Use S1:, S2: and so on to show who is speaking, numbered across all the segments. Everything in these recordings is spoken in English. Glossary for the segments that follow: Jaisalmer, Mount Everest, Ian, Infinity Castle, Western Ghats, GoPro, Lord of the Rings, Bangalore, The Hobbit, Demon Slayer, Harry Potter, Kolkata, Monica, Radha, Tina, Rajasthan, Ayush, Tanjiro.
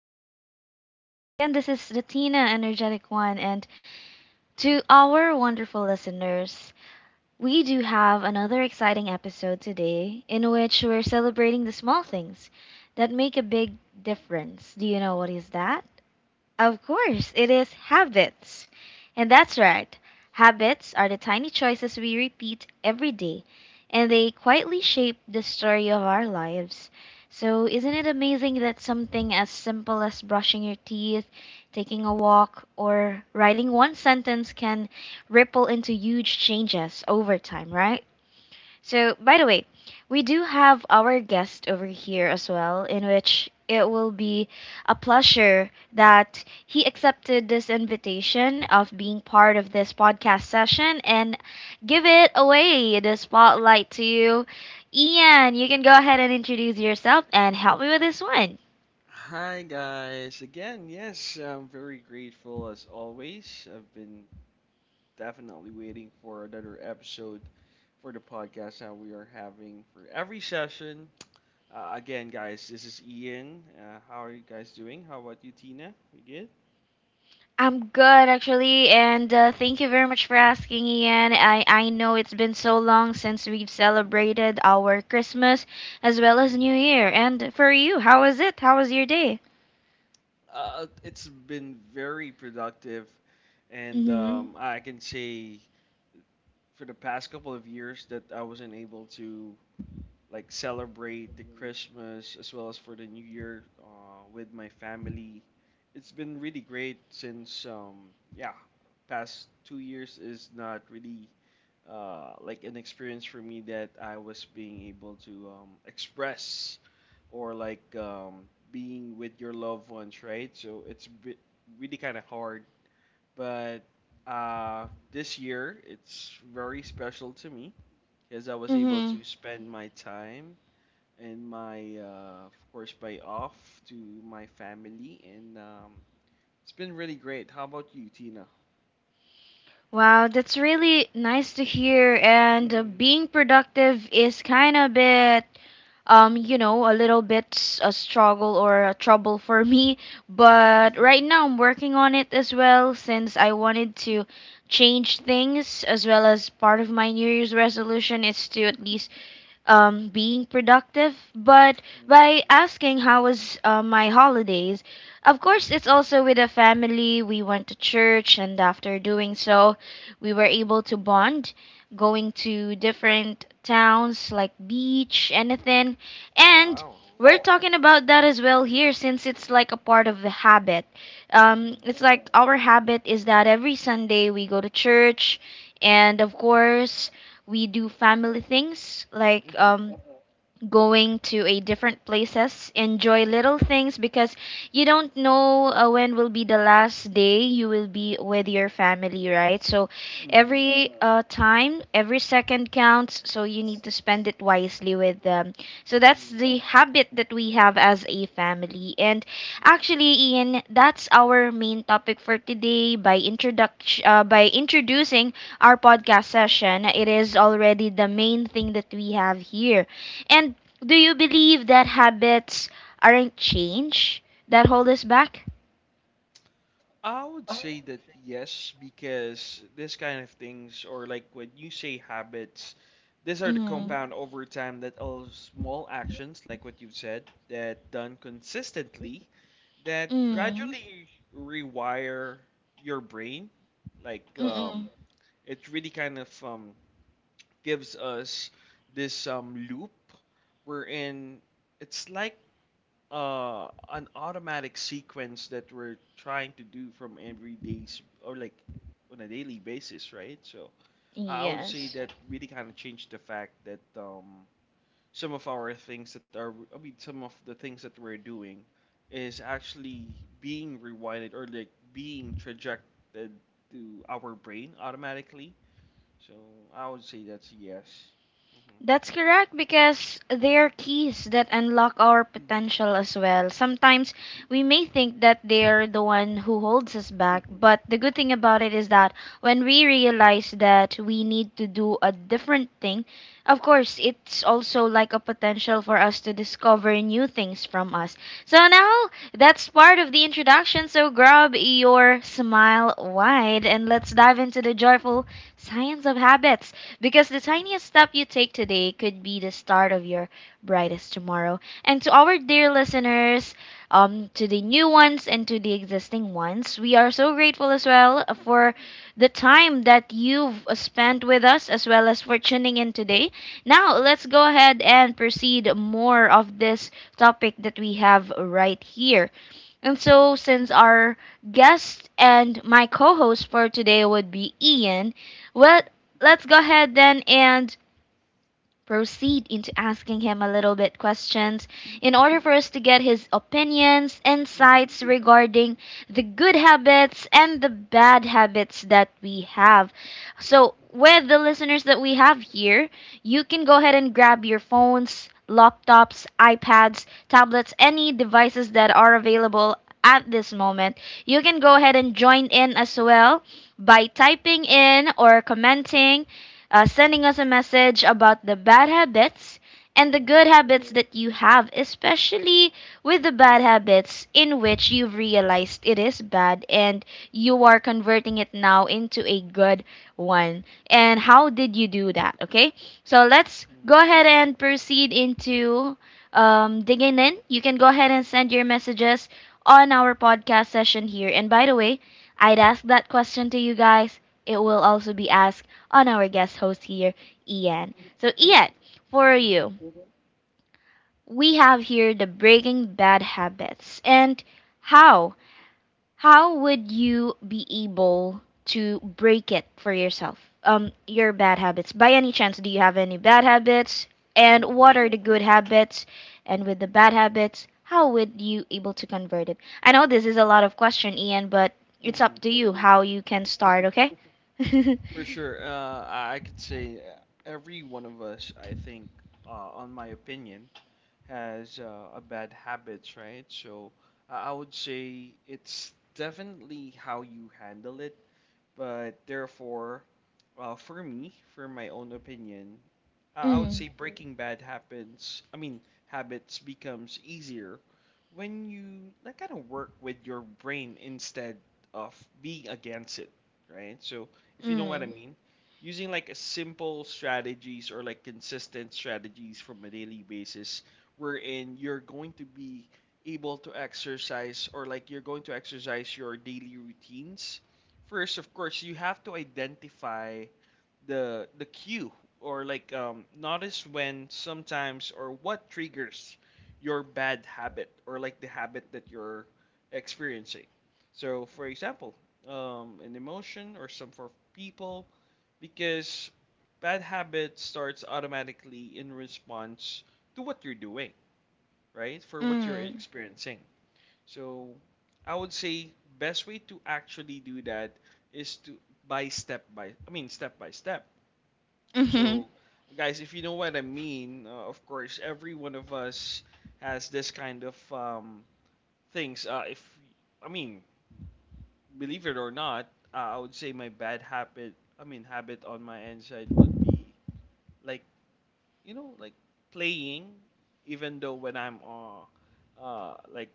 S1: our podcast session. Again, this is the Tina Energetic One, and to our wonderful listeners, we do have another exciting episode today in which we're celebrating the small things that make a big difference. Do you know what is that? Of course, it is habits. And that's right. Habits are the tiny choices we repeat every day, and they quietly shape the story of our lives. So, isn't it amazing that something as simple as brushing your teeth, taking a walk, or writing one sentence can ripple into huge changes over time, right? So, by the way, we do have our guest over here as well, in which it will be a pleasure that he accepted this invitation of being part of this podcast session and give it away, the spotlight to you. Ian, you can go ahead and introduce yourself and help me with this one.
S2: Hi guys, again, yes, I'm very grateful as always. I've been definitely waiting for another episode for the podcast that we are having for every session. Again, guys, this is Ian. How are you guys doing? How about you, Tina? We good?
S1: I'm good actually, and thank you very much for asking, Ian. I know it's been so long since we've celebrated our Christmas as well as New
S2: hmm
S1: Year. And for you, how was it? How was your day?
S2: it's been very productive, and
S1: Mm-hmm.
S2: I can say for the past couple of years that I wasn't able to. Celebrate the Christmas as well as for the New Year with my family. It's been really great since yeah, past 2 years is not really like an experience for me that I was being able to express or being with your loved ones, right? Really kind of hard, but this year it's very special to me because I was able to
S1: Mm-hmm.
S2: spend my time and my of course by off to my family and it's been really great. How about you, Tina?
S1: Wow, that's really nice to hear. And
S2: Mm-hmm.
S1: being productive is kind of bit, you know, a little bit a struggle or a trouble for me. But right now, I'm working on it as well since I wanted to change things as well as part of my New Year's resolution is to at least being productive, but
S2: Mm-hmm.
S1: by asking how was my holidays. Of
S2: Mm-hmm.
S1: course, it's also with a family. We went to church, and after doing so, we were
S2: Mm-hmm.
S1: able to bond, going to different towns like beach, anything, and
S2: Wow.
S1: we're talking about that as well here since it's like a part of the habit.
S2: Mm-hmm.
S1: It's like our habit is that every Sunday we go to church, and of course we do family things
S2: Mm-hmm.
S1: like
S2: Mm-hmm.
S1: going to a different places enjoy little things because you don't know when will be the last day you will be with your family, right? So
S2: Mm-hmm.
S1: every time, every second counts, so you need to spend it wisely with them. So that's
S2: Mm-hmm.
S1: the habit that we have as a family. And actually, Ian, that's our main topic for today. By introduction, by introducing our podcast session, it is already the main thing that we have here. And do you believe that habits aren't change that hold us back?
S2: I would say that yes, because this kind of things, or like when you say habits, these are the
S1: Mm.
S2: compound over time that all small actions, like what you've said, that done consistently, that
S1: Mm.
S2: gradually rewire your brain. Like um,
S1: Mm-mm.
S2: it really kind of gives us this loop wherein it's like an automatic sequence that we're trying to do from every day's or like on a daily basis, right? So I would say
S1: Yes.
S2: that really kind of changed the fact that some of our things that are some of the things that we're doing is actually being rewinded or like being trajected to our brain automatically. So I would say that's a yes.
S1: That's correct, because they are keys that unlock our
S2: Mhm. Mhm.
S1: potential as well. Sometimes we may think that they're the one who holds us back,
S2: Mhm.
S1: but the good thing about it is that when we realize that we need to do a different thing, of course, it's also like a potential for us to discover new things from us. So now that's part of the introduction. So grab your smile wide and let's dive into the joyful science of habits, because the tiniest step you take today could be the start of your brightest tomorrow. And to our dear listeners, to the new ones and to the existing ones, we are so grateful as well
S2: Mhm.
S1: for the time that you've spent with us as well as for tuning in today. Now, let's go ahead and proceed more of this topic that we have right here. And
S2: Mhm.
S1: so, since our guest and my co host for today would be Ian, well,
S2: Mhm.
S1: let's go ahead then and proceed into asking him a little bit questions in order for us to get his opinions,
S2: Mhm.
S1: insights regarding the good habits and the bad habits that we have. So, with the listeners that we have here, you can go ahead and grab your phones, laptops, iPads, tablets, any devices that are available at this moment. You can go ahead and join in as well by typing in or commenting sending us a message about the bad habits and the good
S2: Mhm.
S1: habits that you have, especially with the bad habits in which you've realized it is bad and you are converting it now into a good one. And how did you do that? Okay, so let's go
S2: mm
S1: ahead and proceed into digging in. You can go ahead and send your messages on our podcast session here. And by the way, I'd ask that question to you guys. It will also be asked on our guest host here, Ian. So, Ian, for
S2: Mhm.
S1: you, we have here the breaking bad habits. And
S2: mm
S1: how? How would you be able to break it for yourself? Your bad habits. By any chance, do you have any bad habits?
S2: Mhm.
S1: And
S2: Mhm.
S1: what are the good habits? And with the bad habits, how would you able to convert it? I know this is a lot of question, Ian, but it's up
S2: Mhm.
S1: to you how you can start, okay? mm,
S2: For sure. I could say every one of us, I think, on my opinion, has a bad habits, right? So I would say it's definitely how you handle it. But therefore, for me, for my own opinion, I would say breaking bad happens. I mean, habits becomes easier when you like kind of work with your brain instead of being against it, right? So if you know what I
S1: mm,
S2: mean, using like a simple strategies or like consistent strategies from a daily basis, wherein you're going to be able to exercise or like you're going to exercise your daily routines. First, of course, you have to identify the cue or like notice when sometimes or what triggers your bad habit or like the habit that you're experiencing. So, for example, an emotion or some for people, because bad habit starts automatically in response to what you're doing, right? For what you're
S1: mm.
S2: experiencing. So I would say best way to actually do that is to by step by I mean step by step.
S1: Mhm.
S2: So guys, if you know what I mean, of course every one of us has this kind of things. If I mean believe it or not, I would say my bad habit. I mean habit on my end side would be like you know like playing, even though when I'm uh like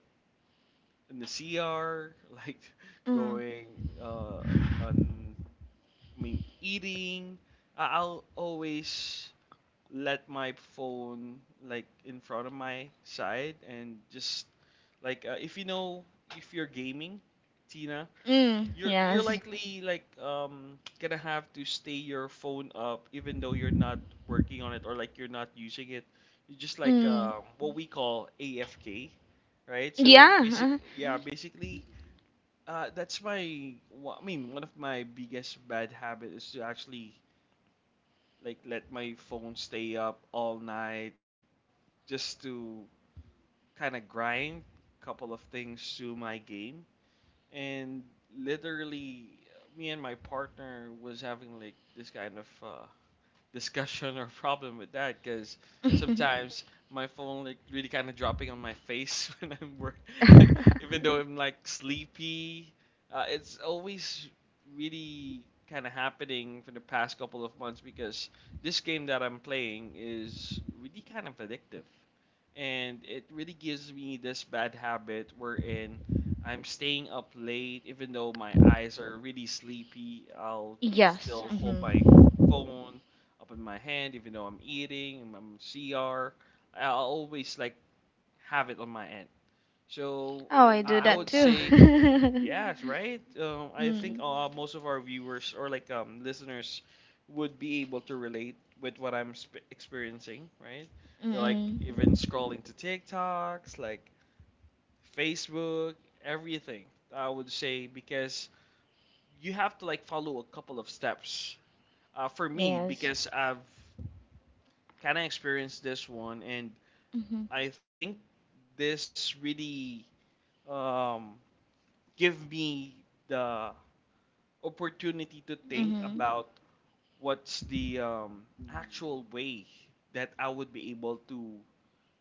S2: in the CR, like
S1: Mm.
S2: going uh, on, I mean, eating. I'll always let my phone like in front of my side and just like if you know if you're gaming, Tina,
S1: Mm.
S2: you're
S1: Yes.
S2: likely like gonna have to stay your phone up even though you're not working on it or like you're not using it. You're just like
S1: Mm.
S2: what we call AFK, right?
S1: Yeah.
S2: Basically that's I mean one of my biggest bad habit is to actually like let my phone stay up all night just to kind of grind couple of things to my game, and literally me and my partner was having like this kind of discussion or problem with that because
S1: Uh-huh.
S2: sometimes my phone like really kind of dropping on my face when I'm work like even though I'm like sleepy. It's always really kind of happening for the past couple of months because this game that I'm playing is really kind of addictive, and it really gives me this bad habit wherein. I'm staying up late, even though my eyes are really sleepy. I'll
S1: Yes.
S2: still. Yeah. Hold my
S1: Mm-hmm.
S2: phone up in my hand, even though I'm eating, I'm CR. I always like have it on my end. So
S1: Oh, I do
S2: I Wow.
S1: that
S2: Would
S1: too.
S2: say yes, right? I think
S1: Mm.
S2: most of our viewers or listeners would be able to relate with what experiencing, right? You're like
S1: Mm-mm.
S2: even scrolling to TikToks, like Facebook, everything. I would say because you have to like follow a couple of steps. For me,
S1: Yes.
S2: because I've kind of experienced this one, and
S1: Mm-hmm.
S2: I think this really um, give me the opportunity to think
S1: Mm-hmm.
S2: about what's the actual way that I would be able to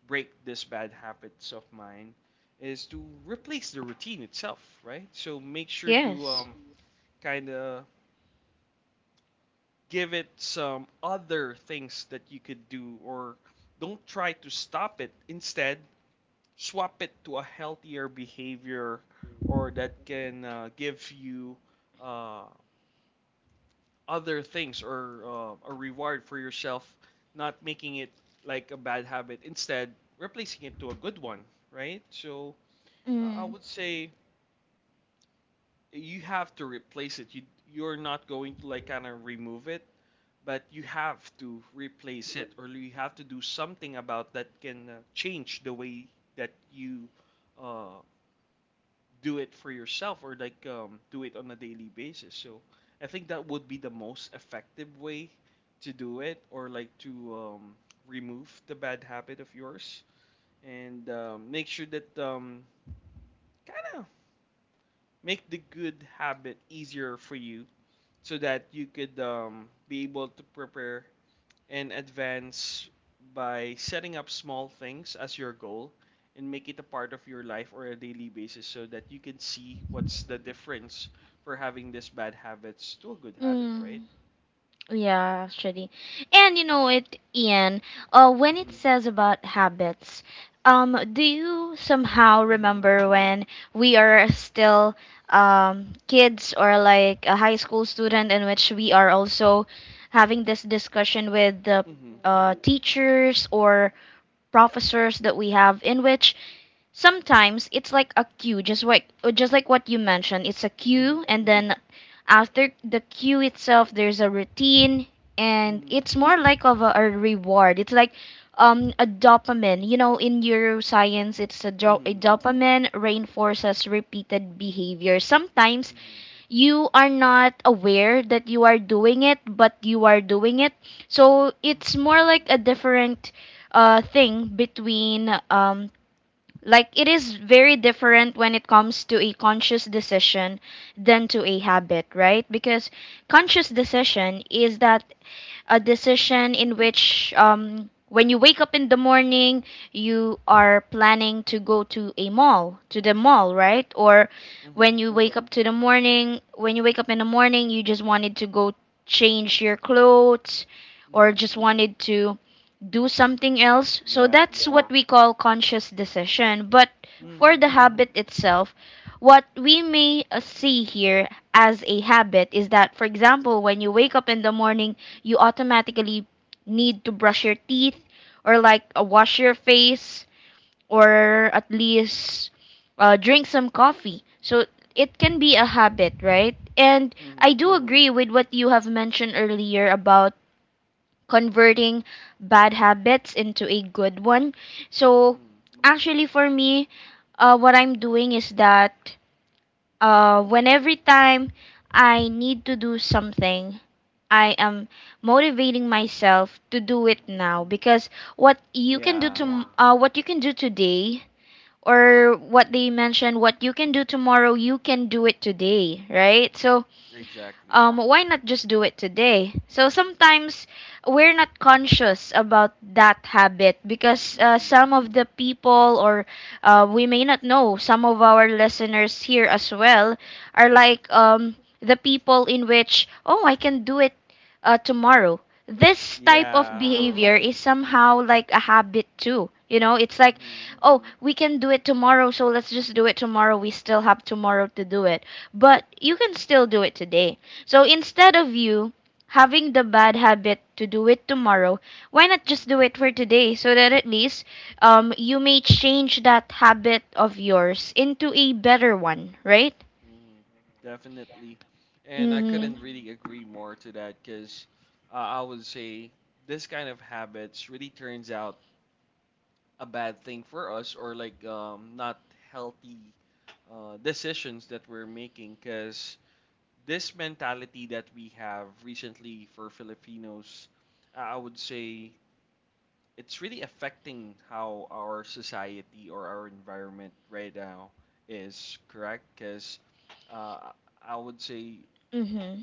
S2: break this bad habits of mine is to replace the routine itself, right? So make sure to
S1: Yes.
S2: kind of give it some other things that you could do or don't try to stop it. Instead, swap it to a healthier behavior or that can give you uh, other things or a reward for yourself, not making it like a bad habit, instead replacing it to a good one, right? So I
S1: Mm.
S2: would say you have to replace it. You're not going to like kind of remove it, but you have to replace it, or you have to do something about that can change the way that you uh, do it for yourself or do it on a daily basis. So I think that would be the most effective way to do it or like to um, remove the bad habit of yours and make sure that kind of make the good habit easier for you so that you could be able to prepare and advance by setting up small things as your goal and make it a part of your life or a daily basis so that you can see what's the difference for having this bad habits to a good habit,
S1: Mm.
S2: right?
S1: Yeah, actually. And you know it, Ian, when it
S2: Mm-hmm.
S1: says about habits, do you somehow
S2: Mm-hmm.
S1: remember when we are still kids or like a high school student in which we are also having this discussion with the
S2: Mm-hmm.
S1: teachers or professors that we have, in which sometimes it's like a queue, just like just like what you mentioned? It's a queue,
S2: Mm-hmm.
S1: and then after the queue itself there's a routine, and it's more like of a reward. It's like a dopamine. You know, in neuroscience,
S2: Mm-hmm.
S1: a
S2: Mm-hmm.
S1: dopamine reinforces repeated behavior. Sometimes
S2: Mm-hmm.
S1: you are not aware that you are doing it, but you are doing it. So it's more like a different thing between like, it is very different when it comes to a conscious decision than to a habit, right? Because conscious decision is that a
S2: Mm-hmm.
S1: decision in which when you wake up in the morning, you are planning to go to a mall, to the mall, right? Or
S2: Mm-hmm.
S1: when you wake up to the morning, when you wake up in the morning, you just wanted to go change your clothes or
S2: Mm-hmm.
S1: just wanted to do something else. So
S2: Yeah.
S1: that's what we call conscious decision. But for
S2: Mm-hmm.
S1: the habit itself, what we may see here as a habit is that, for example, when you wake up in the morning, you automatically need to brush your teeth or like wash your face, or at least drink some coffee. So it can be a habit, right? And
S2: Mm-hmm. Mm-hmm.
S1: I do agree with what you have mentioned earlier about converting bad habits into a good one. So actually, for me, what I'm doing is that when every time I need to do something, I am motivating myself to do it
S2: Mm-hmm.
S1: now, because what you can do
S2: Yeah.
S1: to what you can do today, or what they mentioned, what you can do tomorrow, you can do it today, right?
S2: Mm-hmm.
S1: So
S2: Exactly.
S1: why not just do it today? So sometimes we're not conscious about that habit because
S2: Mm-hmm.
S1: some of the people, or we may not know, some of our listeners here as well are like the people in which, oh, I can do it tomorrow. This type of
S2: yeah.
S1: behavior is somehow like a habit too. You know, it's like,
S2: Mm-hmm.
S1: oh, we can do it tomorrow, so let's just do it tomorrow. We still have tomorrow to do it. But you can still do it today, so instead of you having the bad habit to do it tomorrow, why not just do it for today, so that at least you may change that habit of yours into a better one, right?
S2: Mm, Definitely. And I
S1: Mm-hmm.
S2: couldn't. Mm. Really agree more to that because uh, I would say this kind of habits really turns out a bad thing for us or not healthy decisions that we're making because this mentality that we have recently for Filipinos, I would say it's really affecting how our society or our environment right now is, correct? Because uh, I would say
S1: Mm-hmm.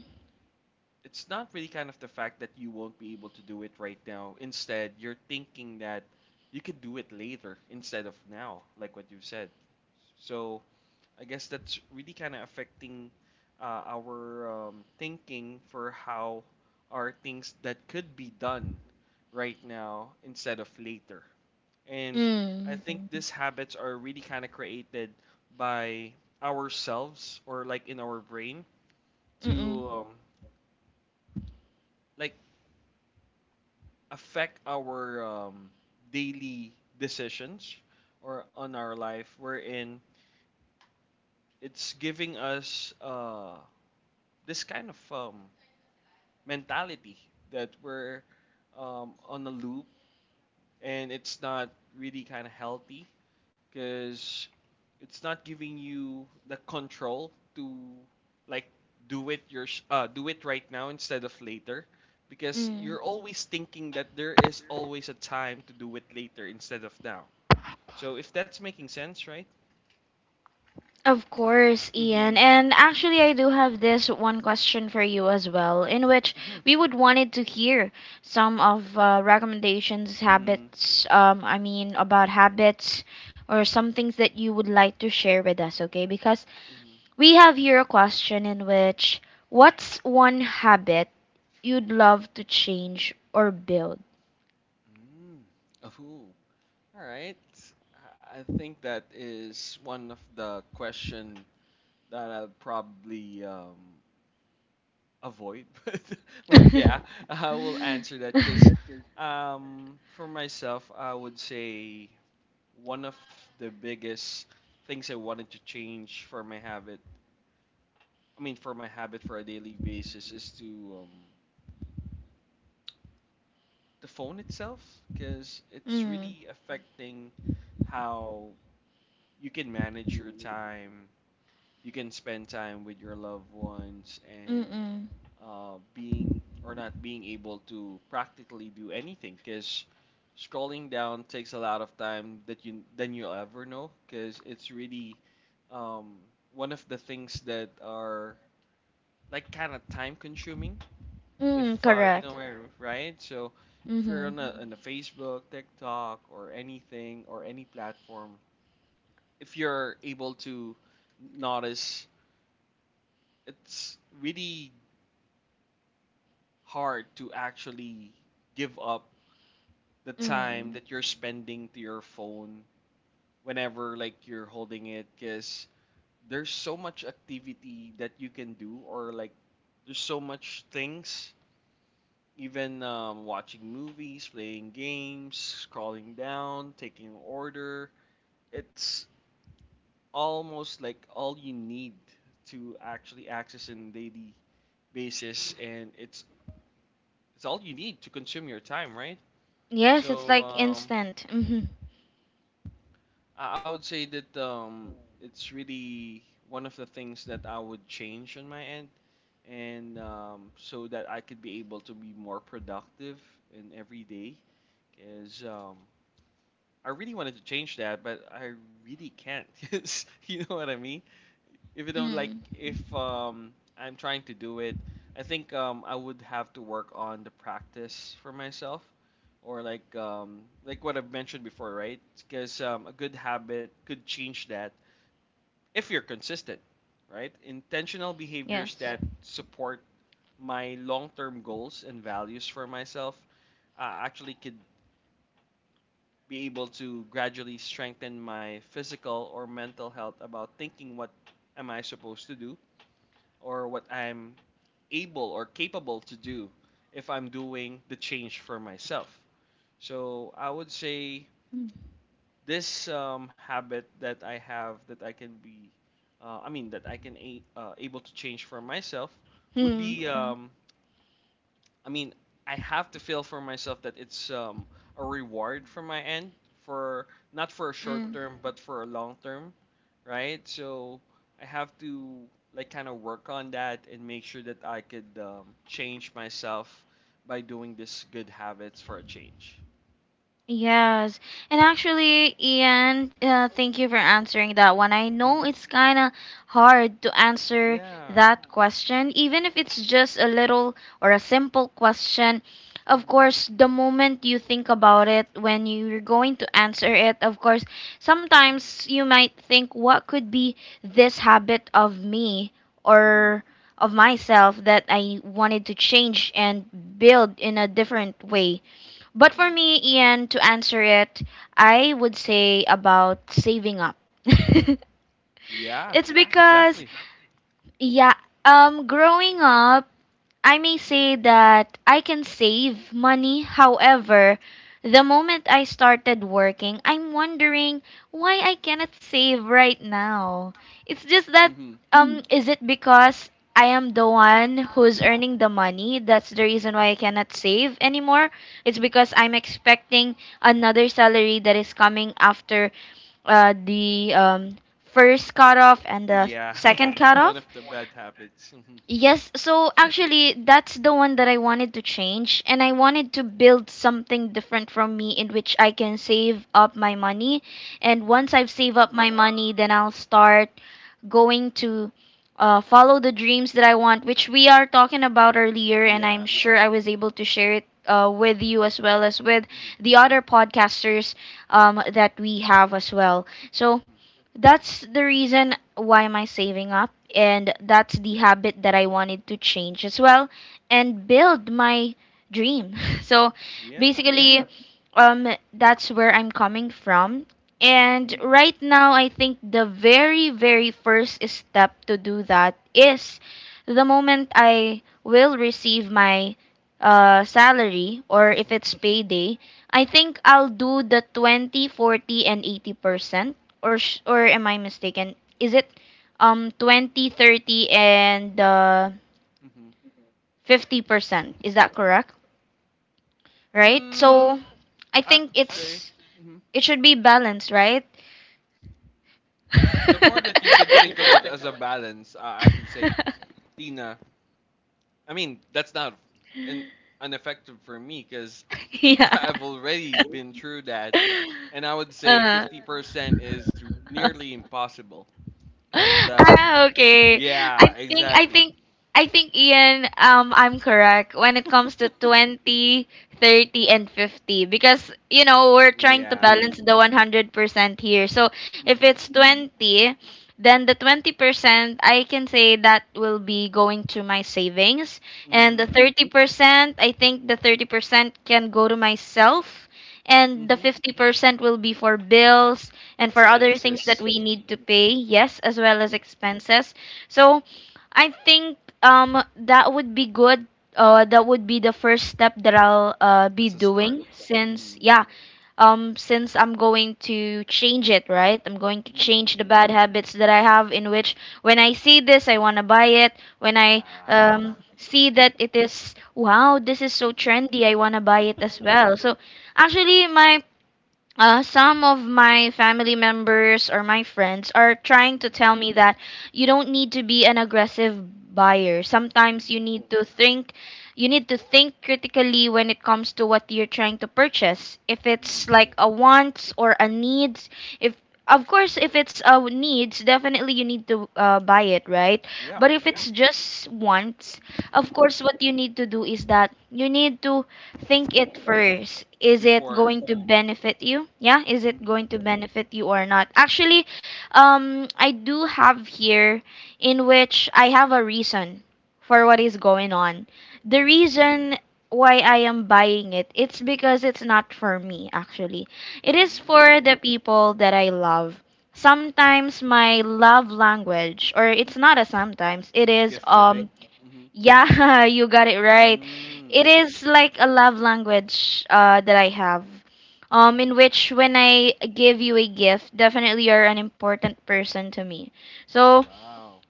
S2: it's not really kind of the fact that you won't be able to do it right now. Instead, you're thinking that you could do it later instead of now, like what you've said. So I guess that's really kind of affecting our thinking for how are things that could be done right now instead of later. And I
S1: Mm.
S2: think these habits are really kind of created by ourselves or like in our brain
S1: Mm-mm.
S2: to like affect our daily decisions or on our life wherein it's giving us this kind of mentality that we're on a loop, and it's not really kind of healthy because it's not giving you the control to like do it your do it right now instead of later, because
S1: Mm.
S2: you're always thinking that there is always a time to do it later instead of now, so if that's making sense, right?
S1: Of course,
S2: mm-hmm,
S1: Ian. And actually, I do have this one question for you as well, in which
S2: mm-hmm.
S1: we would
S2: Sure.
S1: wanted to hear some of recommendations,
S2: mm-hmm,
S1: habits. I mean, about habits or some things that you would like to share with us. Okay, because
S2: mm
S1: we have here a question in which, what's one habit you'd love to change or build?
S2: Oh, all right. I think that is one of the question that I'll probably avoid but yeah I will
S1: mm,
S2: answer that because for myself I would say one of the biggest things I wanted to change for my habit. I mean for my habit for a daily basis is to the phone itself, because it's
S1: mm,
S2: really affecting how you can manage your time. You can spend time with your loved ones, and
S1: mm,
S2: being or not being able to practically do anything, because scrolling down takes a lot of time that you than you'll ever know, because it's really um, one of the things that are like kind of time consuming if you know
S1: correct.
S2: where, right? So if you're
S1: Mm-hmm.
S2: on a, Mhm. on a Facebook, TikTok, or anything or any platform, if you're able to notice, it's really hard to actually give up the time
S1: Mm.
S2: that you're spending to your phone whenever, like, you're holding it, because there's so much activity that you can do, or like, there's so much things, even watching movies, playing games, scrolling down, taking order. It's almost like all you need to actually access in daily basis, and it's all you need to consume your time, right?
S1: Yes, it's
S2: so
S1: like
S2: um
S1: instant. Mm-hmm.
S2: I I would say that, it's really one of the things that I would change on my end, and so that I could be able to be more productive in every day, because I really wanted to change that, but I really can't. 'Cause you know what I mean? If you don't like
S1: Mm.
S2: if I'm trying to do it, I think I would have to work on the practice for myself, or like, like what I've mentioned before, right? Because a good habit could change that if you're consistent, right? Intentional behaviors, yep,
S1: Yes.
S2: that support my long-term goals and values for myself, actually could be able to gradually strengthen my physical or mental health about thinking what am I supposed to do or what I'm able or capable to do if I'm doing the change for myself. So I would say
S1: Mm.
S2: this habit that I have that I can be, I mean, that able to change for myself would
S1: Hmm.
S2: be, mhm, I mean, I have to feel for myself that it's a reward from my end, for not for a short
S1: Mm.
S2: term but for a long term, right? So I have to, like, kind of work on that and make sure that I could, change myself by doing this good habits for a change.
S1: Yes. And
S2: Mm-hmm.
S1: actually, Ian, thank you for answering that one. I know
S2: Mm-hmm.
S1: it's kind of hard to answer
S2: Yeah.
S1: that question, even if it's just a little or a simple question. Of
S2: Mm-hmm.
S1: course, the moment you think about it, when you're going to answer it, of course,
S2: Mm-hmm.
S1: sometimes you might think, what could be this habit of me
S2: Mm-hmm.
S1: or of myself that I wanted to change and build in a different way? But for
S2: Mm-hmm.
S1: me, Ian, to answer it, I would say about saving up. It's
S2: Yeah.
S1: because,
S2: Exactly.
S1: yeah, growing up I may say that I can save money. However, the moment I started working, I'm wondering why I cannot save right now. It's just that
S2: Mm-hmm.
S1: is it because I am the one who's earning the money? That's the reason why I cannot save anymore. It's because I'm expecting another salary that is coming after the first cutoff and the
S2: Yeah.
S1: second
S2: One of
S1: cutoff.
S2: the bad habits. Mm-hmm.
S1: Yes, so actually, that's the one that I wanted to change, and I wanted to build something different from me in which I can save up my money. And once
S2: Mm-hmm.
S1: I've saved up my money, then I'll start going to follow the dreams that I want, which we are talking about earlier, and I'm
S2: Yeah.
S1: sure I was able to share it with you as well as with the other podcasters that we have as well. So
S2: Mhm.
S1: that's the reason why am I saving up, and that's the habit that I wanted to change as well and build my dream. So
S2: Yeah.
S1: basically, um, that's where I'm coming from
S2: Mhm.
S1: and right now, I think the very, very first step to do that is the moment I will receive my salary or if
S2: Mhm.
S1: it's payday, I think I'll do the 20, 40, and 80%. Or, or am I mistaken? Is it 20, 30, and 50%? Is that correct? Right?
S2: Mm,
S1: So I
S2: I
S1: think
S2: could say,
S1: it's
S2: mhm.
S1: it should be balanced, right?
S2: J-
S1: If
S2: the more that you can
S1: you
S2: think of it
S1: think
S2: as a balance, I could say,
S1: about
S2: Tina. I mean, that's not an ineffective for me because
S1: Yeah.
S2: I've already been through that, and I would say
S1: Uh.
S2: 50% is nearly impossible. And
S1: Ah, okay. I
S2: yeah,
S1: think I
S2: exactly.
S1: think I think Ian, I'm correct when it comes to 20, 30, and 50 because you know we're trying to
S2: Yeah.
S1: balance the 100% here. So if
S2: Mhm.
S1: it's 20, then the 20% I can say that will be going to my savings, and
S2: Mhm.
S1: the 30% can go to myself, and the
S2: Mm.
S1: 50% will be for bills and for other
S2: Expenses
S1: things that we
S2: as
S1: need to pay, yes, as well as expenses. So I think that would be good. That would be the first step that I'll be
S2: a start.
S1: doing since yeah, since I'm going to change it, right? I'm going to
S2: Mhm.
S1: change the bad habits that I have in which when I see this I want to buy it, when I
S2: Ah.
S1: see that it is wow, this is so
S2: Mhm.
S1: trendy, I want to buy it as well. So actually my some of my family members or my friends are trying to tell me that you don't need to be an aggressive buyer. Sometimes you need to think critically when it comes to what you're trying to purchase. If
S2: Mhm.
S1: it's like a wants or a needs, if of course if it's a needs, definitely you need to buy it, right?
S2: Yeah.
S1: But if Yeah.
S2: Mhm.
S1: it's just wants, of course what you need to do is that you need to think it first. Is it
S2: Before,
S1: going to benefit you? Yeah, is it going to benefit you or not? Actually, I do have here in which I have a reason for what is going on. The
S2: mhm.
S1: reason why I am buying it, it's because it's not for me actually. It is
S2: Mhm.
S1: for the people that I love. Sometimes my love language, or it's not a sometimes, it is
S2: Gift giving. Mhm.
S1: yeah, you got it right.
S2: Mm.
S1: It is like a love language that I have,
S2: Mhm.
S1: in which when I give you a gift, definitely you're an important person to me. So
S2: Wow.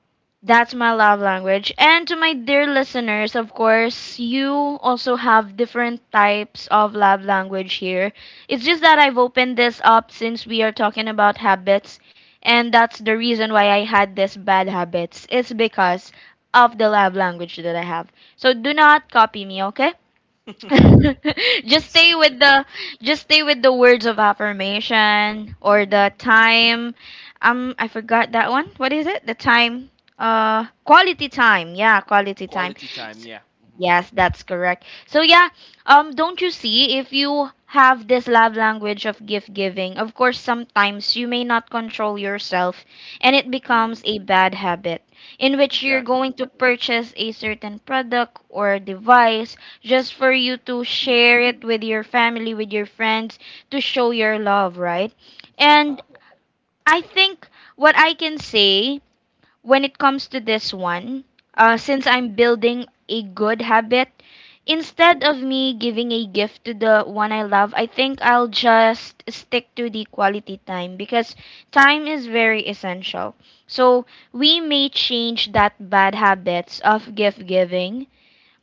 S1: that's my love language. And to my dear listeners, of course, you also have different types of love language here. It's just that I've opened this up since we are talking about habits, and that's the reason why I had this bad habits. It's because of the love language that I have. So do not copy me, okay? just stay with the just stay with the words of affirmation or
S2: Mhm.
S1: the time I forgot that one. What is it? The time quality time. Yeah, quality time.
S2: Quality time.
S1: S-
S2: Yeah. Mhm.
S1: Yes, that's correct. So yeah, don't you see if you have this love language of gift giving, of course sometimes you may not control yourself and it
S2: Mhm.
S1: becomes a bad habit in which you're
S2: Exactly.
S1: going to purchase a certain product or device just for you to
S2: Mhm.
S1: share it with your family, with your friends, to show your love, right?
S2: Wow.
S1: And I think what
S2: Mhm.
S1: I can say when it comes to this one,
S2: Mhm.
S1: since I'm building a good habit,
S2: Mhm.
S1: instead of me giving a gift to the one I love, I think I'll just stick to the quality time because time is very essential. So we may change that bad habits of gift giving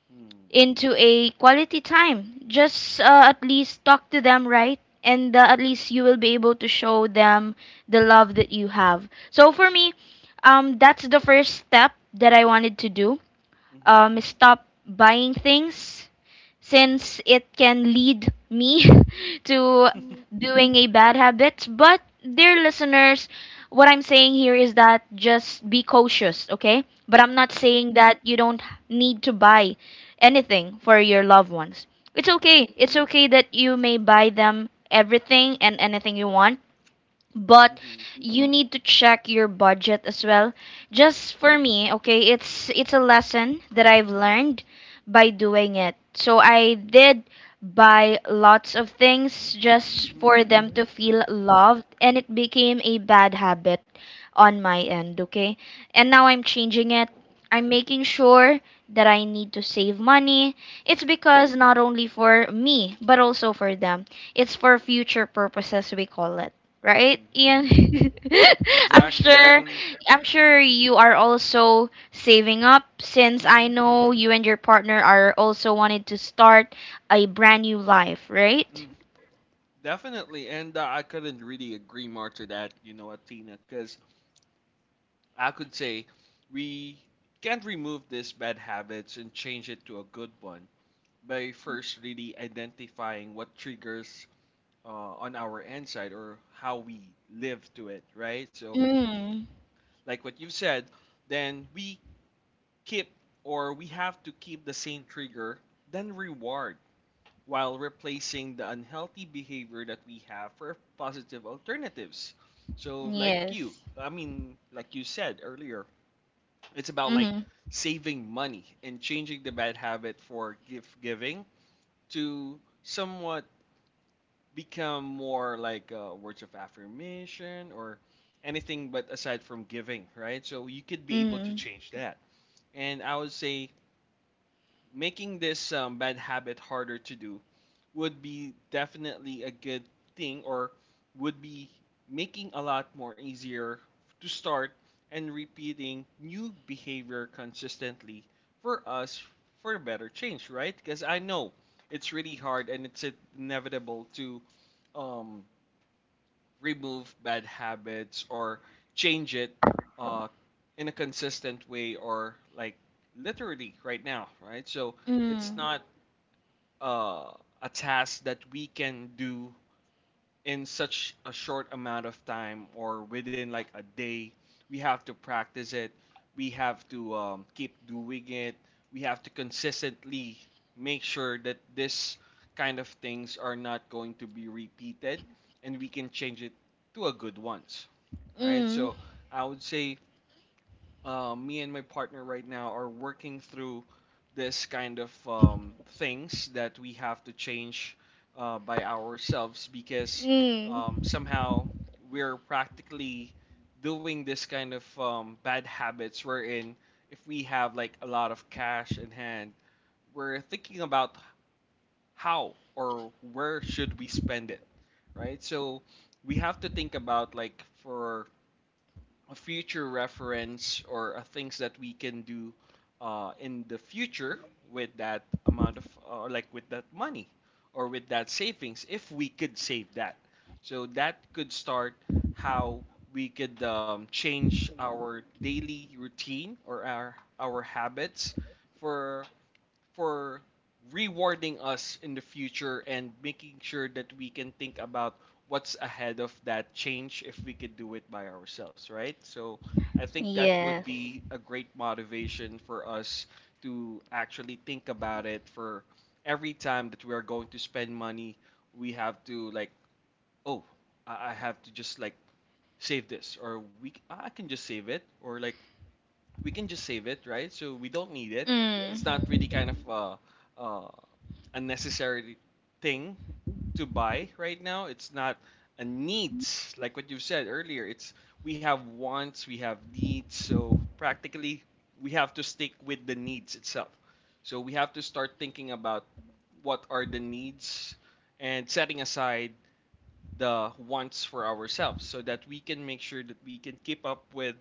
S2: Mhm.
S1: into a quality time. Just at least talk to them, right? And at least you will be able to show them the love that you have. So for me, that's the first step that I wanted to do.
S2: Mhm.
S1: Stop buying things since it can lead me to
S2: Mhm.
S1: doing a bad habit. But, dear listeners, what I'm saying here is that just be cautious, okay? But I'm not saying that you don't need to buy anything for your loved ones. It's
S2: Mhm.
S1: okay. It's okay that you may buy them everything and anything you want but you need to check your budget as well just for me, okay? It's a lesson that I've learned by doing it. So I did buy lots of things just for them to feel loved and it became a bad habit on my end, okay? And now I'm changing it. I'm making sure that I need to save money. It's
S2: Mhm.
S1: because not only for me but also for them. It's for future purposes we call it, right,
S2: Mm,
S1: Ian? i'm
S2: exactly.
S1: sure
S2: Mm,
S1: I'm
S2: mhm,
S1: sure you are also saving up since I
S2: mhm,
S1: know you and your partner are also wanted to start a brand new life, right?
S2: mhm. Definitely, and I couldn't really agree more to that, Athena, because I could say we can't remove these bad habits and change it to a good one by first really identifying what triggers, on our end side, or how we live to it, right? So,
S1: Mm.
S2: like what you said, then we keep, or we have to keep the same trigger, then reward, while replacing the unhealthy behavior that we have for positive alternatives. So, like you,
S1: Yes.
S2: I mean, like you said earlier, it's about, like,
S1: Hmm.
S2: saving money and changing the bad habit for gift giving to somewhat become more like, words of affirmation, or anything but aside from giving, right? So you could be able to
S1: Mm.
S2: change that. And I would say, making this bad habit harder to do would be definitely a good thing, or would be making a lot more easier to start and repeating new behavior consistently for us, for a better change, right? Because I know it's really hard, and it's inevitable to, um, remove bad habits or change it, uh, in a consistent way, or like, literally right now, right? So it's
S1: Mm.
S2: not, uh, a task that we can do in such a short amount of time or within like a day. We have to practice it, we have to keep doing it, we have to consistently make sure that this kind of things are not going to be repeated, and we can change it to a good ones, right?
S1: Mm.
S2: So I would say, me and my partner right now are working through this kind of things that we have to change, by ourselves, because
S1: Mm.
S2: somehow we're practically doing this kind of bad habits, wherein if we have like a lot of cash in hand, we're thinking about how or where should we spend it, right? So we have to think about, like, for a future reference, or things that we can do, in the future, with that amount of, or like, with that money, or with that savings if we could save that. So that could start how we could, change our daily routine, or our habits for for rewarding us in the future, and making sure that we can think about what's ahead of that change if we could do it by ourselves, right? So I think that would
S1: Yes.
S2: be a great motivation for us to actually think about it. For every time that we are going to spend money, we have to, like, oh, I have to just like save this, or we I can just save it, or like, we can just save it, right? So we don't need it. It's not
S1: Mm.
S2: really, mm-hmm, kind of, uh, uh, a necessary thing to buy right now. It's not a needs like what you said earlier. It's, we have wants, we have needs. So practically, we have to stick with the needs itself. So we have to start thinking about what are the needs, and setting aside the wants for ourselves so that we can make sure that we can keep up with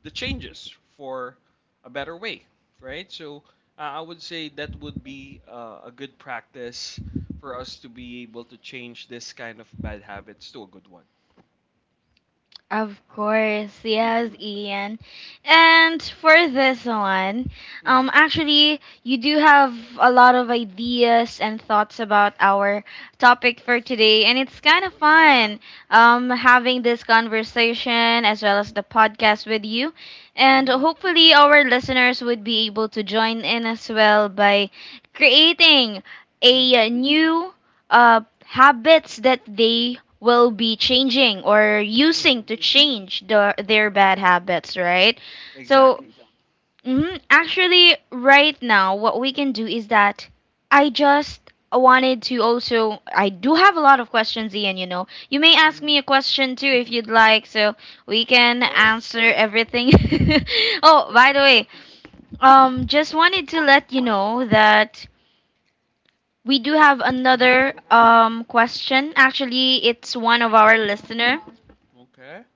S2: the changes for a better way, right? So, I would say that would be, a good practice for us to be able to change this kind of bad habits to a good one.
S1: Of course, yes, Ian. And for this one,
S2: Mm-hmm.
S1: actually, you do have a lot of ideas and thoughts about our topic for today, and it's kind of
S2: Yeah.
S1: fun, having this conversation as well as the podcast with you. And
S2: Hmm.
S1: hopefully, our listeners would be able to join in as well by creating
S2: Hmm.
S1: a new habits that they will be changing or
S2: Hmm.
S1: using to change the, their bad habits, right? So,
S2: Exactly.
S1: mhm, actually, right now, what we can do is that I just wanted to also. I do have a lot of questions, Ian, you know. You may ask
S2: Hmm.
S1: me a question too if you'd like, so we
S2: Of
S1: can
S2: course,
S1: answer everything. Oh, by the
S2: definitely.
S1: way, just wanted to let you know that we do have
S2: Mhm.
S1: another question. Actually, it's one of our listener.
S2: Okay.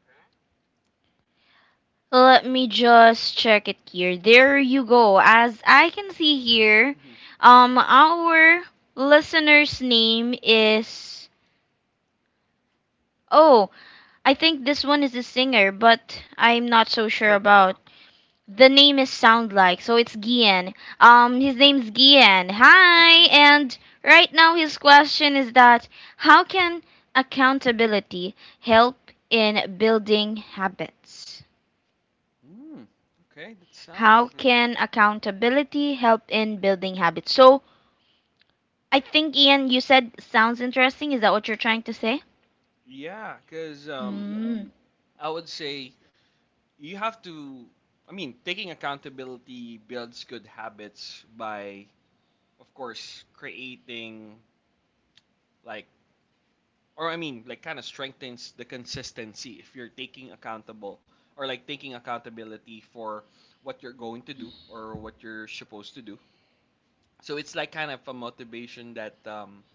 S1: Let me just check it here. There you go. As I can see here, our listener's name is Oh, I think this one is a singer, but I'm not so sure about. The name is sound like, so it's Gian. His name's Gian. Hi, and right now his question is that how can accountability help in building habits?
S2: Mm, okay, that sounds
S1: How
S2: like a.
S1: can accountability help in building habits? So I think Ian, you said sounds interesting. Is that what you're trying to say?
S2: Yeah, because
S1: Mm.
S2: I would say you have to. I mean, taking accountability builds good habits by, of course, creating, like, or I mean, like, kind of strengthens the consistency if you're taking accountable, or like, taking accountability for what you're going to do or what you're supposed to do. So it's like kind of a motivation that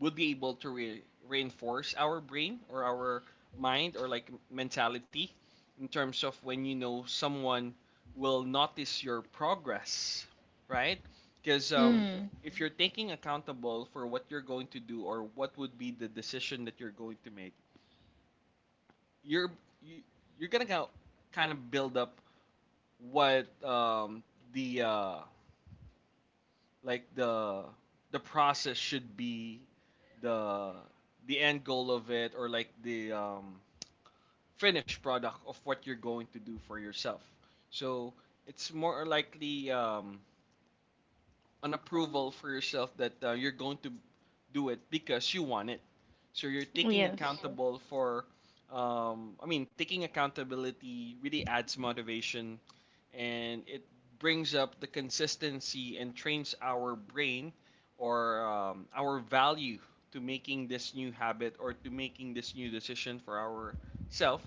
S2: would be able to reinforce our brain, or our mind, or like, mentality, in terms of when you know someone will notice your progress, right? Because
S1: Mm.
S2: if you're taking accountable for what you're going to do, or what would be the decision that you're going to make, you're you, you're gonna go, kind of build up what, the, like, the process should be, the the end goal of it, or like, the finished product of what you're going to do for yourself. So it's more likely, an approval for yourself that, you're going to do it because you want it. So you're taking
S1: Yes.
S2: accountable for, I mean, taking accountability really adds motivation, and it brings up the consistency and trains our brain, or our value, to making this new habit, or to making this new decision for ourself.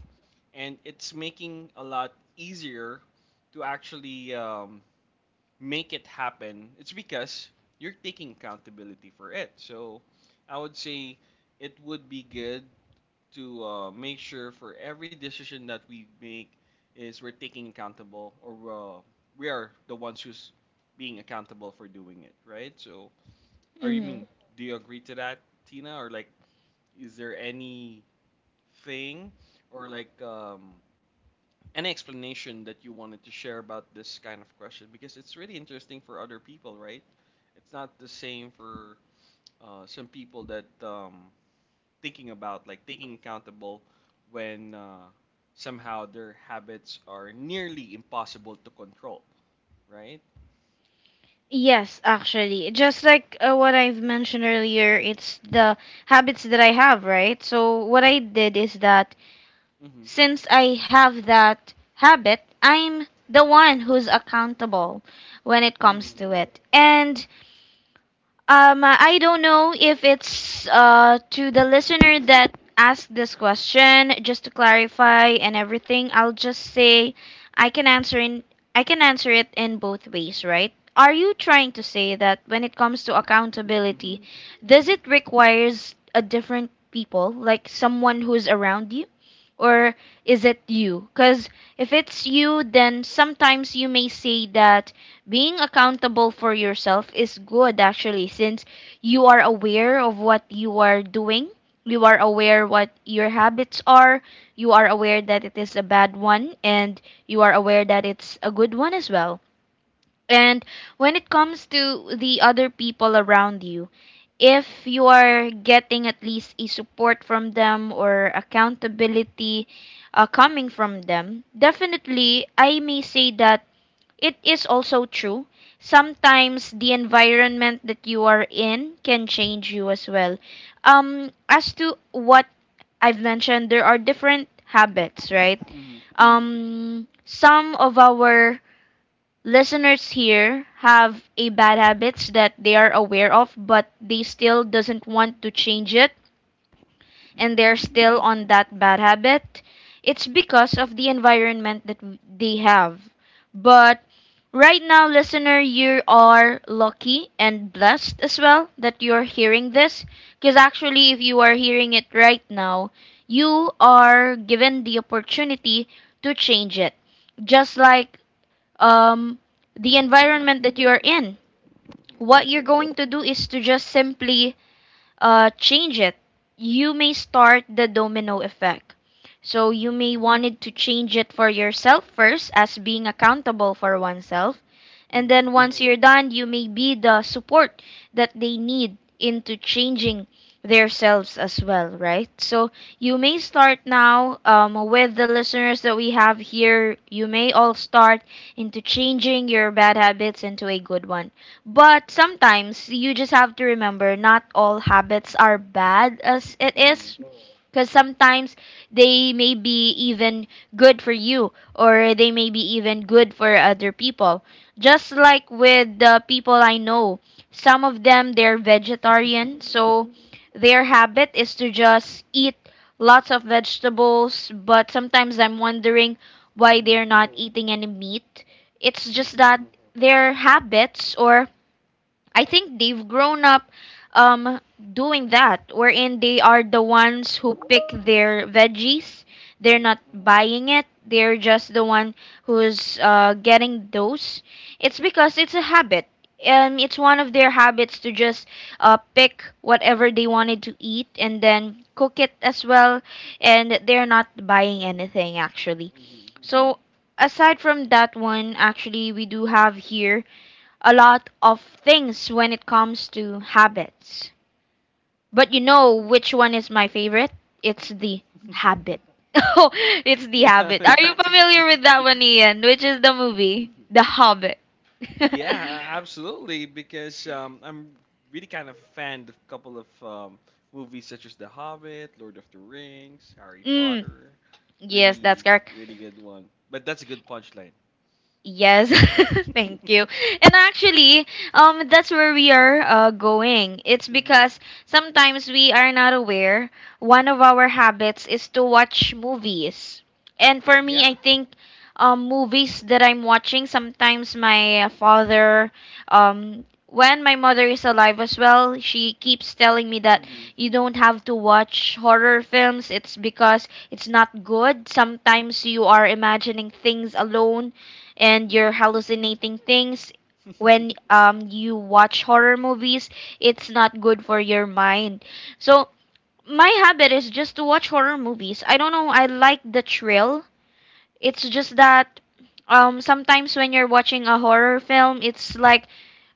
S2: And it's making a lot easier to actually, make it happen. It's because you're taking accountability for it. So I would say it would be good to, make sure for every decision that we make, is we're taking accountable, or we are the ones who's being accountable for doing it, right? So, are you mean, do you agree to that, Tina? Or like, is there any thing, or like, any explanation that you wanted to share about this kind of question, because it's really interesting for other people, right? It's not the same for, some people that, thinking about like taking accountable when, somehow their habits are nearly impossible to control, right?
S1: Yes, actually. Just like what I've mentioned earlier, it's the habits that I have, right? So, what I did is that
S2: Mm-hmm.
S1: since I have that habit, I'm the one who's accountable when it
S2: Mm-hmm.
S1: comes to it. And I don't know if it's to the listener that asked this question. Just to clarify and everything, I'll just say I can answer in I can answer it in both ways, right? Are you trying to say that when it comes to accountability, does it requires a different people, like someone who's around you? Or is it you? Because if it's you, then sometimes you may say that being accountable for yourself is good actually since you are aware of what you are doing, you are aware what your habits are, you are aware that it is a bad one, and you are aware that it's a good one as well. And when it comes to the other people around you, if you are getting at least a support from them or accountability coming from them, definitely I may say that it is also true. Sometimes the environment that you are in can change you as well. As to what I've mentioned, there are different habits, right?
S2: Mm-hmm.
S1: Some of our listeners here have a bad habits that they are aware of, but they still doesn't want to change it
S2: Mm-hmm.
S1: and they're
S2: Mm-hmm.
S1: still on that bad habit, it's because of the environment that they have. But right now, listener, you are lucky and blessed as well that you're hearing this. Because actually, if you are hearing it right now, you are given the opportunity to change it. Just like um, the environment that you are in. What you're going to do is to just simply change it. You may start the domino effect. So you may wanted to change it for yourself first as being accountable for oneself. And
S2: Mm-hmm.
S1: then once you're done, you may be the support that they need into changing themselves as well, right? So you may start now with the listeners that we have here. You may all start into changing your bad habits into a good one. But sometimes you just have to remember not all habits are bad as it
S2: Mm-hmm.
S1: is. Because sometimes they may be even good for you or they may be even good for other people. Just like with the people I know, some of them they're vegetarian, so their habit is to just eat lots of vegetables, but sometimes I'm wondering why
S2: Mm-hmm.
S1: they're not eating any meat. It's just
S2: Mm-hmm.
S1: that their habits or I think they've grown up um, doing that, wherein they are the ones who pick their veggies. They're
S2: Mm-hmm.
S1: not buying it. They're just the one who's getting those. It's because it's a habit. It's one of their habits to just pick whatever they wanted to eat and then cook it as well. And they're not buying anything actually. So aside from that one, actually, we do have here a lot of things when it comes to habits. But you
S2: Mm-hmm.
S1: know which one is my favorite? It's the habit. Oh, it's the habit. Are you familiar with that one, Ian? Which is the movie? The Hobbit.
S2: Yeah, absolutely. Because I'm really kind of fan of a couple of movies such as The Hobbit, Lord of the Rings, Harry
S1: Yeah.
S2: Potter.
S1: Yes, that's
S2: Really,
S1: correct.
S2: really good one. But that's a good punchline.
S1: Yes, thank you. And actually, that's where we are going. It's
S2: Mm-hmm.
S1: because sometimes we are not aware. One of our habits is to watch movies. And for me,
S2: Yeah.
S1: I think movies that I'm watching, sometimes my father, when my mother is alive as well, she keeps telling me that you don't have to watch horror films. It's because it's not good. Sometimes you are imagining things alone and you're
S2: Mm-hmm.
S1: hallucinating things
S2: Hmm.
S1: when you watch horror movies, it's not good for your mind. So my habit is just to watch horror movies. I don't know, I like the thrill. It's just that sometimes when you're watching a horror film, it's like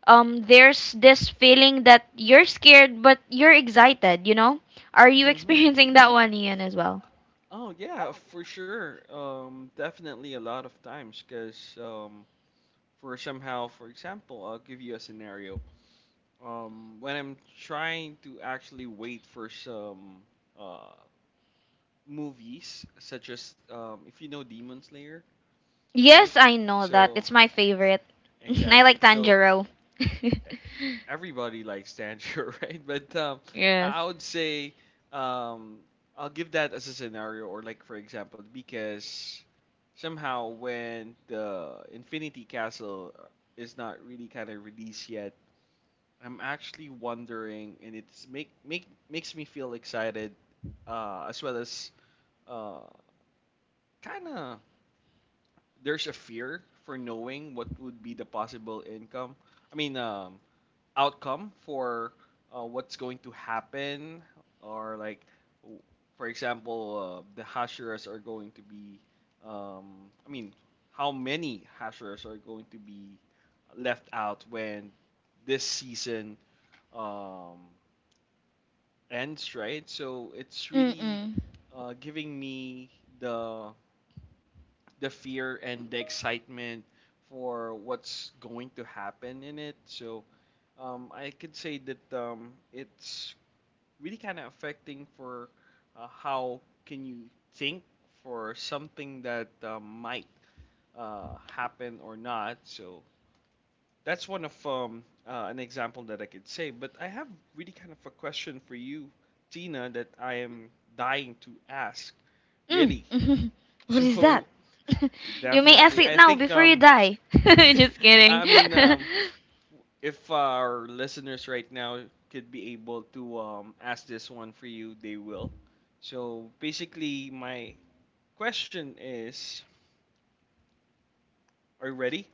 S1: there's this feeling that you're scared but you're excited. Are you
S2: Hmm.
S1: experiencing that one, Ian, as well?
S2: Oh yeah, for sure. Definitely a lot of times, because for somehow, for example, I'll give you a scenario. When I'm trying to actually wait for some uh movies, such as, if you know Demon Slayer,
S1: Yes,
S2: right?
S1: I know that.
S2: So,
S1: It's my
S2: e-
S1: favorite. I
S2: exactly.
S1: like
S2: So
S1: Tanjiro.
S2: everybody likes Tanjiro, right? But, um,
S1: Yes.
S2: I I would say, um, I'll give that as a scenario, or like, for example, because somehow when the Infinity Castle, is not really kind of released yet, I'm actually wondering, and it's makes me feel excited, as well as, uh, kind of, there's a fear for knowing what would be the possible income. I mean, outcome for, what's going to happen, or like, w- for example, the hashers are going to be. I mean, how many hashers are going to be left out when this season, um, ends, right? So it's really,
S1: Mm-mm.
S2: giving me the the fear and the excitement for what's going to happen in it. So, I could say that, it's really kind of affecting for, how can you think for something that, might, happen or not. So that's one of, an example that I could say. But I have really kind of a question for you, Tina, that I am dying to ask.
S1: Mm.
S2: Really.
S1: What is that?
S2: So,
S1: You may ask
S2: definitely,
S1: it
S2: I
S1: now
S2: think,
S1: before you die. Just
S2: I
S1: kidding.
S2: mean, if our listeners right now could be able to, ask this one for you, they will. So basically, my question is, are you ready?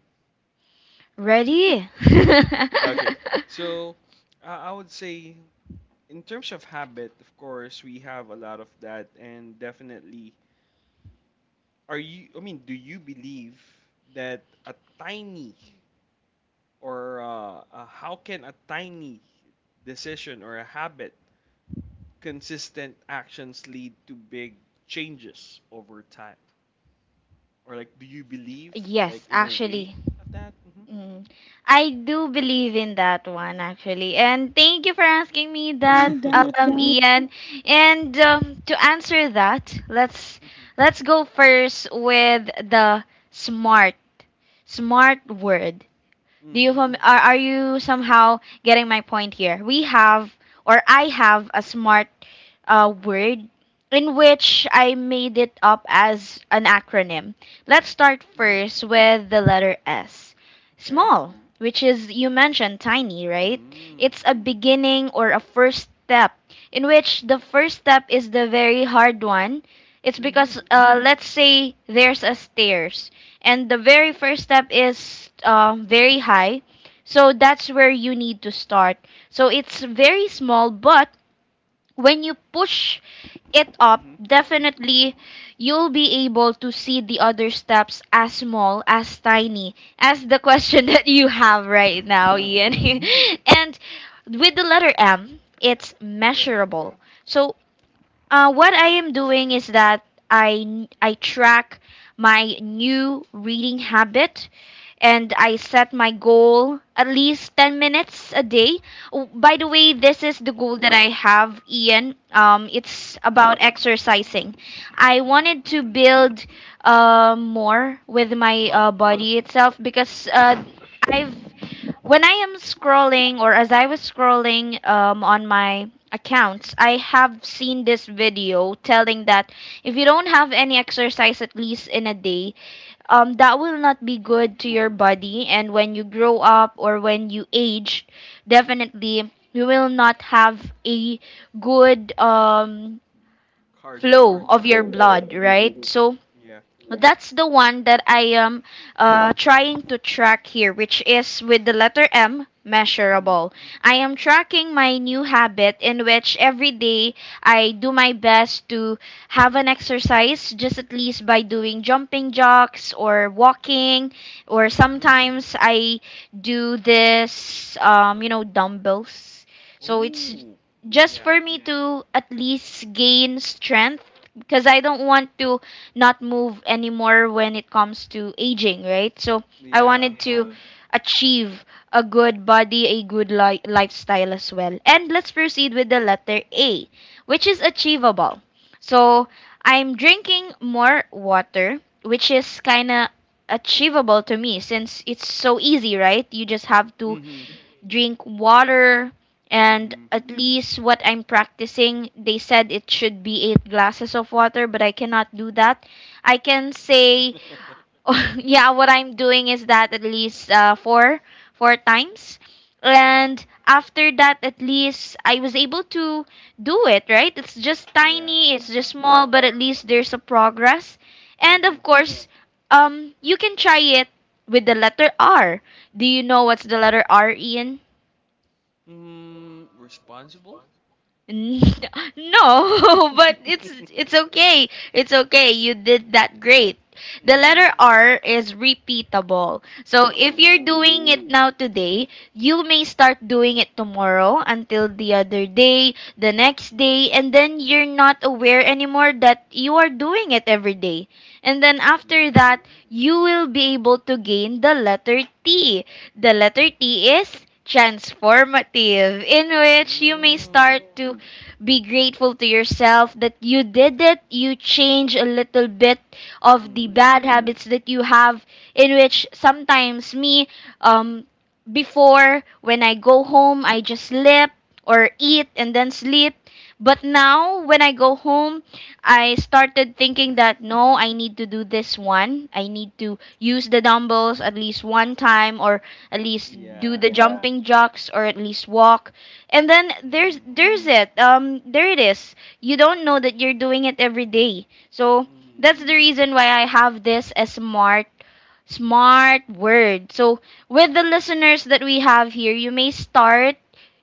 S1: Ready?
S2: Okay. So I would say, in terms of habit, of course, we have a lot of that, and definitely, are you? I mean, do you believe that a tiny, or, how can a tiny decision or a habit, consistent actions lead to big changes over time? Or like, do you believe like
S1: Yes,
S2: in a way
S1: actually.
S2: of that? Mm-hmm.
S1: Mm. I do believe in that one actually. And thank you for asking me that, Ian. And to answer that, let's go first with the smart smart word. Do you
S2: Mm-hmm.
S1: are you somehow getting my point here? We have or I have a smart word in which I made it up as an acronym. Let's start
S2: Ooh,
S1: first with the letter S.
S2: okay.
S1: Small, which is you mentioned tiny, right?
S2: Mm-hmm.
S1: It's a beginning or a first step in which the first step is the very hard one. It's
S2: Mm-hmm.
S1: because let's say there's a stairs and the very first step is very high, so that's where you need to start. So it's very small, but when you push it up definitely you'll be able to see the other steps as small as tiny as the question that you have right now, Ian.
S2: Mm-hmm.
S1: And with the letter M, it's
S2: Okay.
S1: measurable. So what I am doing is that I track my new reading habit and I set my goal at least 10 minutes a day. Oh, by the way, this is the goal that I have, Ian. It's about exercising. I wanted to build more with my
S2: Well,
S1: body itself, because I've when I am scrolling or as I was scrolling on my accounts, I have seen this video telling that if you don't have any exercise at least in a day, that will not be
S2: mhm.
S1: good to your body. And when you grow up or when you age, definitely you will not have a good flow
S2: Cardio.
S1: of your blood, right? So that's the one that I am trying to track here, which is with the letter M, measurable. I am tracking my new habit in which every day I do my best to have an exercise, just at least by doing jumping jacks or walking, or
S2: Mm-hmm.
S1: sometimes I do this, dumbbells. So it's
S2: Oh.
S1: just
S2: Yeah.
S1: for me to at least gain strength, because I don't want to not move anymore when it comes to aging, right? So I
S2: Yeah.
S1: wanted to achieve a good body, a good lifestyle as well. And let's proceed with the letter A, which is achievable. So I'm drinking more water, which is kind of achievable to me since it's so easy, right? You just have to
S2: Mm-hmm.
S1: drink water, and
S2: Mm-hmm.
S1: at least what I'm practicing, they said it should be eight glasses of water, but I cannot do that. I can say, yeah, what I'm doing is that at least four times,
S2: Yeah.
S1: and after that, at least I was able to do it. Right? It's just
S2: Yeah.
S1: tiny, it's just small, but at least there's a progress, and
S2: Mm-hmm.
S1: of course, you can try it with the letter R. Do you know what's the letter R, Ian?
S2: Mm, responsible?
S1: N- No, but it's okay. It's okay. You did that great. The
S2: Mm.
S1: letter R is repeatable. So if you're
S2: Oh.
S1: doing it now today, you may start doing it tomorrow until the other day, the next day, and then you're not aware anymore that you are doing it every day. And then after that, you will be able to gain the letter T. The letter T is transformative, in which you may
S2: Mm.
S1: start to be grateful to yourself that you did it. You change a little bit of the
S2: Mm.
S1: bad habits that you have, in which sometimes me, um, before when I go home, I just sleep or eat and then sleep. But now, when I go home, I started thinking that no, I need to do this one. I need to use the dumbbells at least one time, or at least do
S2: Yeah.
S1: the jumping jacks, or at least walk, and then
S2: Mm.
S1: there's it. There it is. You don't know that you're doing it every day. So
S2: Mm.
S1: that's the reason why I have this as smart word. So, with the listeners that we have here, you may start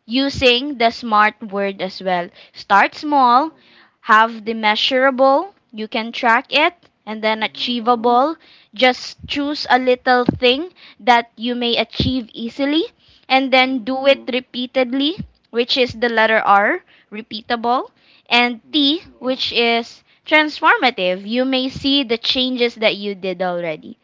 S1: using the smart word as well. Start
S2: Mhm,
S1: small, have the measurable, you can track it, and then
S2: mhm,
S1: achievable. Just choose a little thing that you may achieve easily, and then
S2: mhm.
S1: do it repeatedly, which is the letter R, repeatable, and T,
S2: Yeah,
S1: which is transformative. You may see the changes that you did already.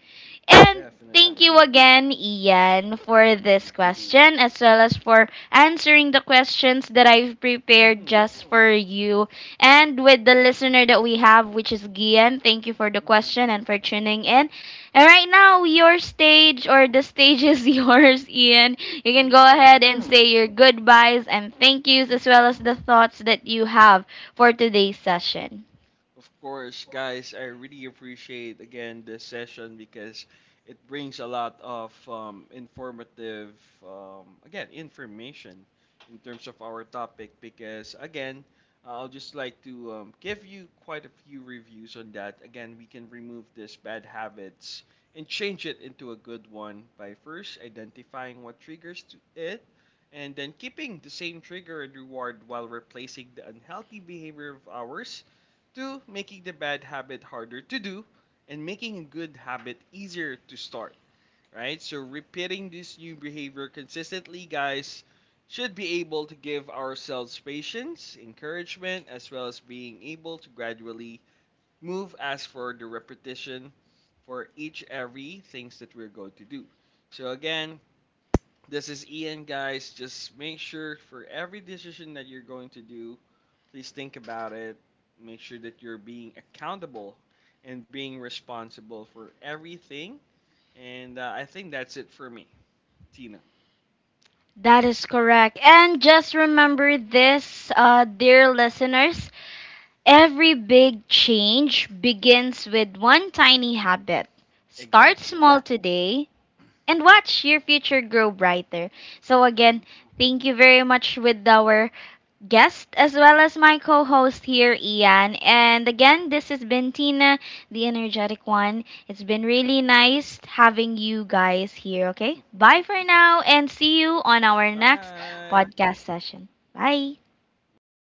S1: And thank
S2: definitely.
S1: you again, Ian, for
S2: Mhm,
S1: this question as well as for answering the questions that I've prepared
S2: mhm,
S1: just for you. And with the listener that we have, which is Gian, thank you for the
S2: mhm.
S1: question and for tuning in. And right now, your stage or the stage is yours, Ian. You can go
S2: Yeah.
S1: ahead and say your goodbyes and thank yous as well as the thoughts that you have for today's session.
S2: Of course, guys, I really appreciate again this session, because it brings a lot of informative, again, information in terms of our topic. Because again, I'll just like to, give you quite a few reviews on that. Again, we can remove this bad habits and change it into a good one by first identifying what triggers to it, and then keeping the same trigger and reward while replacing the unhealthy behavior of ours. Two, making the bad habit harder to do and making a good habit easier to start, right? So, repeating this new behavior consistently, guys, should be able to give ourselves patience, encouragement, as well as being able to gradually move as for the repetition for each every things that we're going to do. So again, this is Ian, guys. Just make sure for every decision that you're going to do, please think about it. Make sure that you're being accountable and being responsible for everything. And I think that's it for me, Tina.
S1: That is correct. And just remember this, dear listeners, every big change begins with one tiny habit. Start
S2: Exactly.
S1: small today and watch your future grow brighter. So, again,
S2: Hmm.
S1: thank you very much with our guest as well as my co host here, Ian. And again, this has been Tina, the energetic one. It's been really nice having you guys here, okay? Bye for now and see you on our next
S2: Bye.
S1: podcast session. Bye.
S2: Mhm.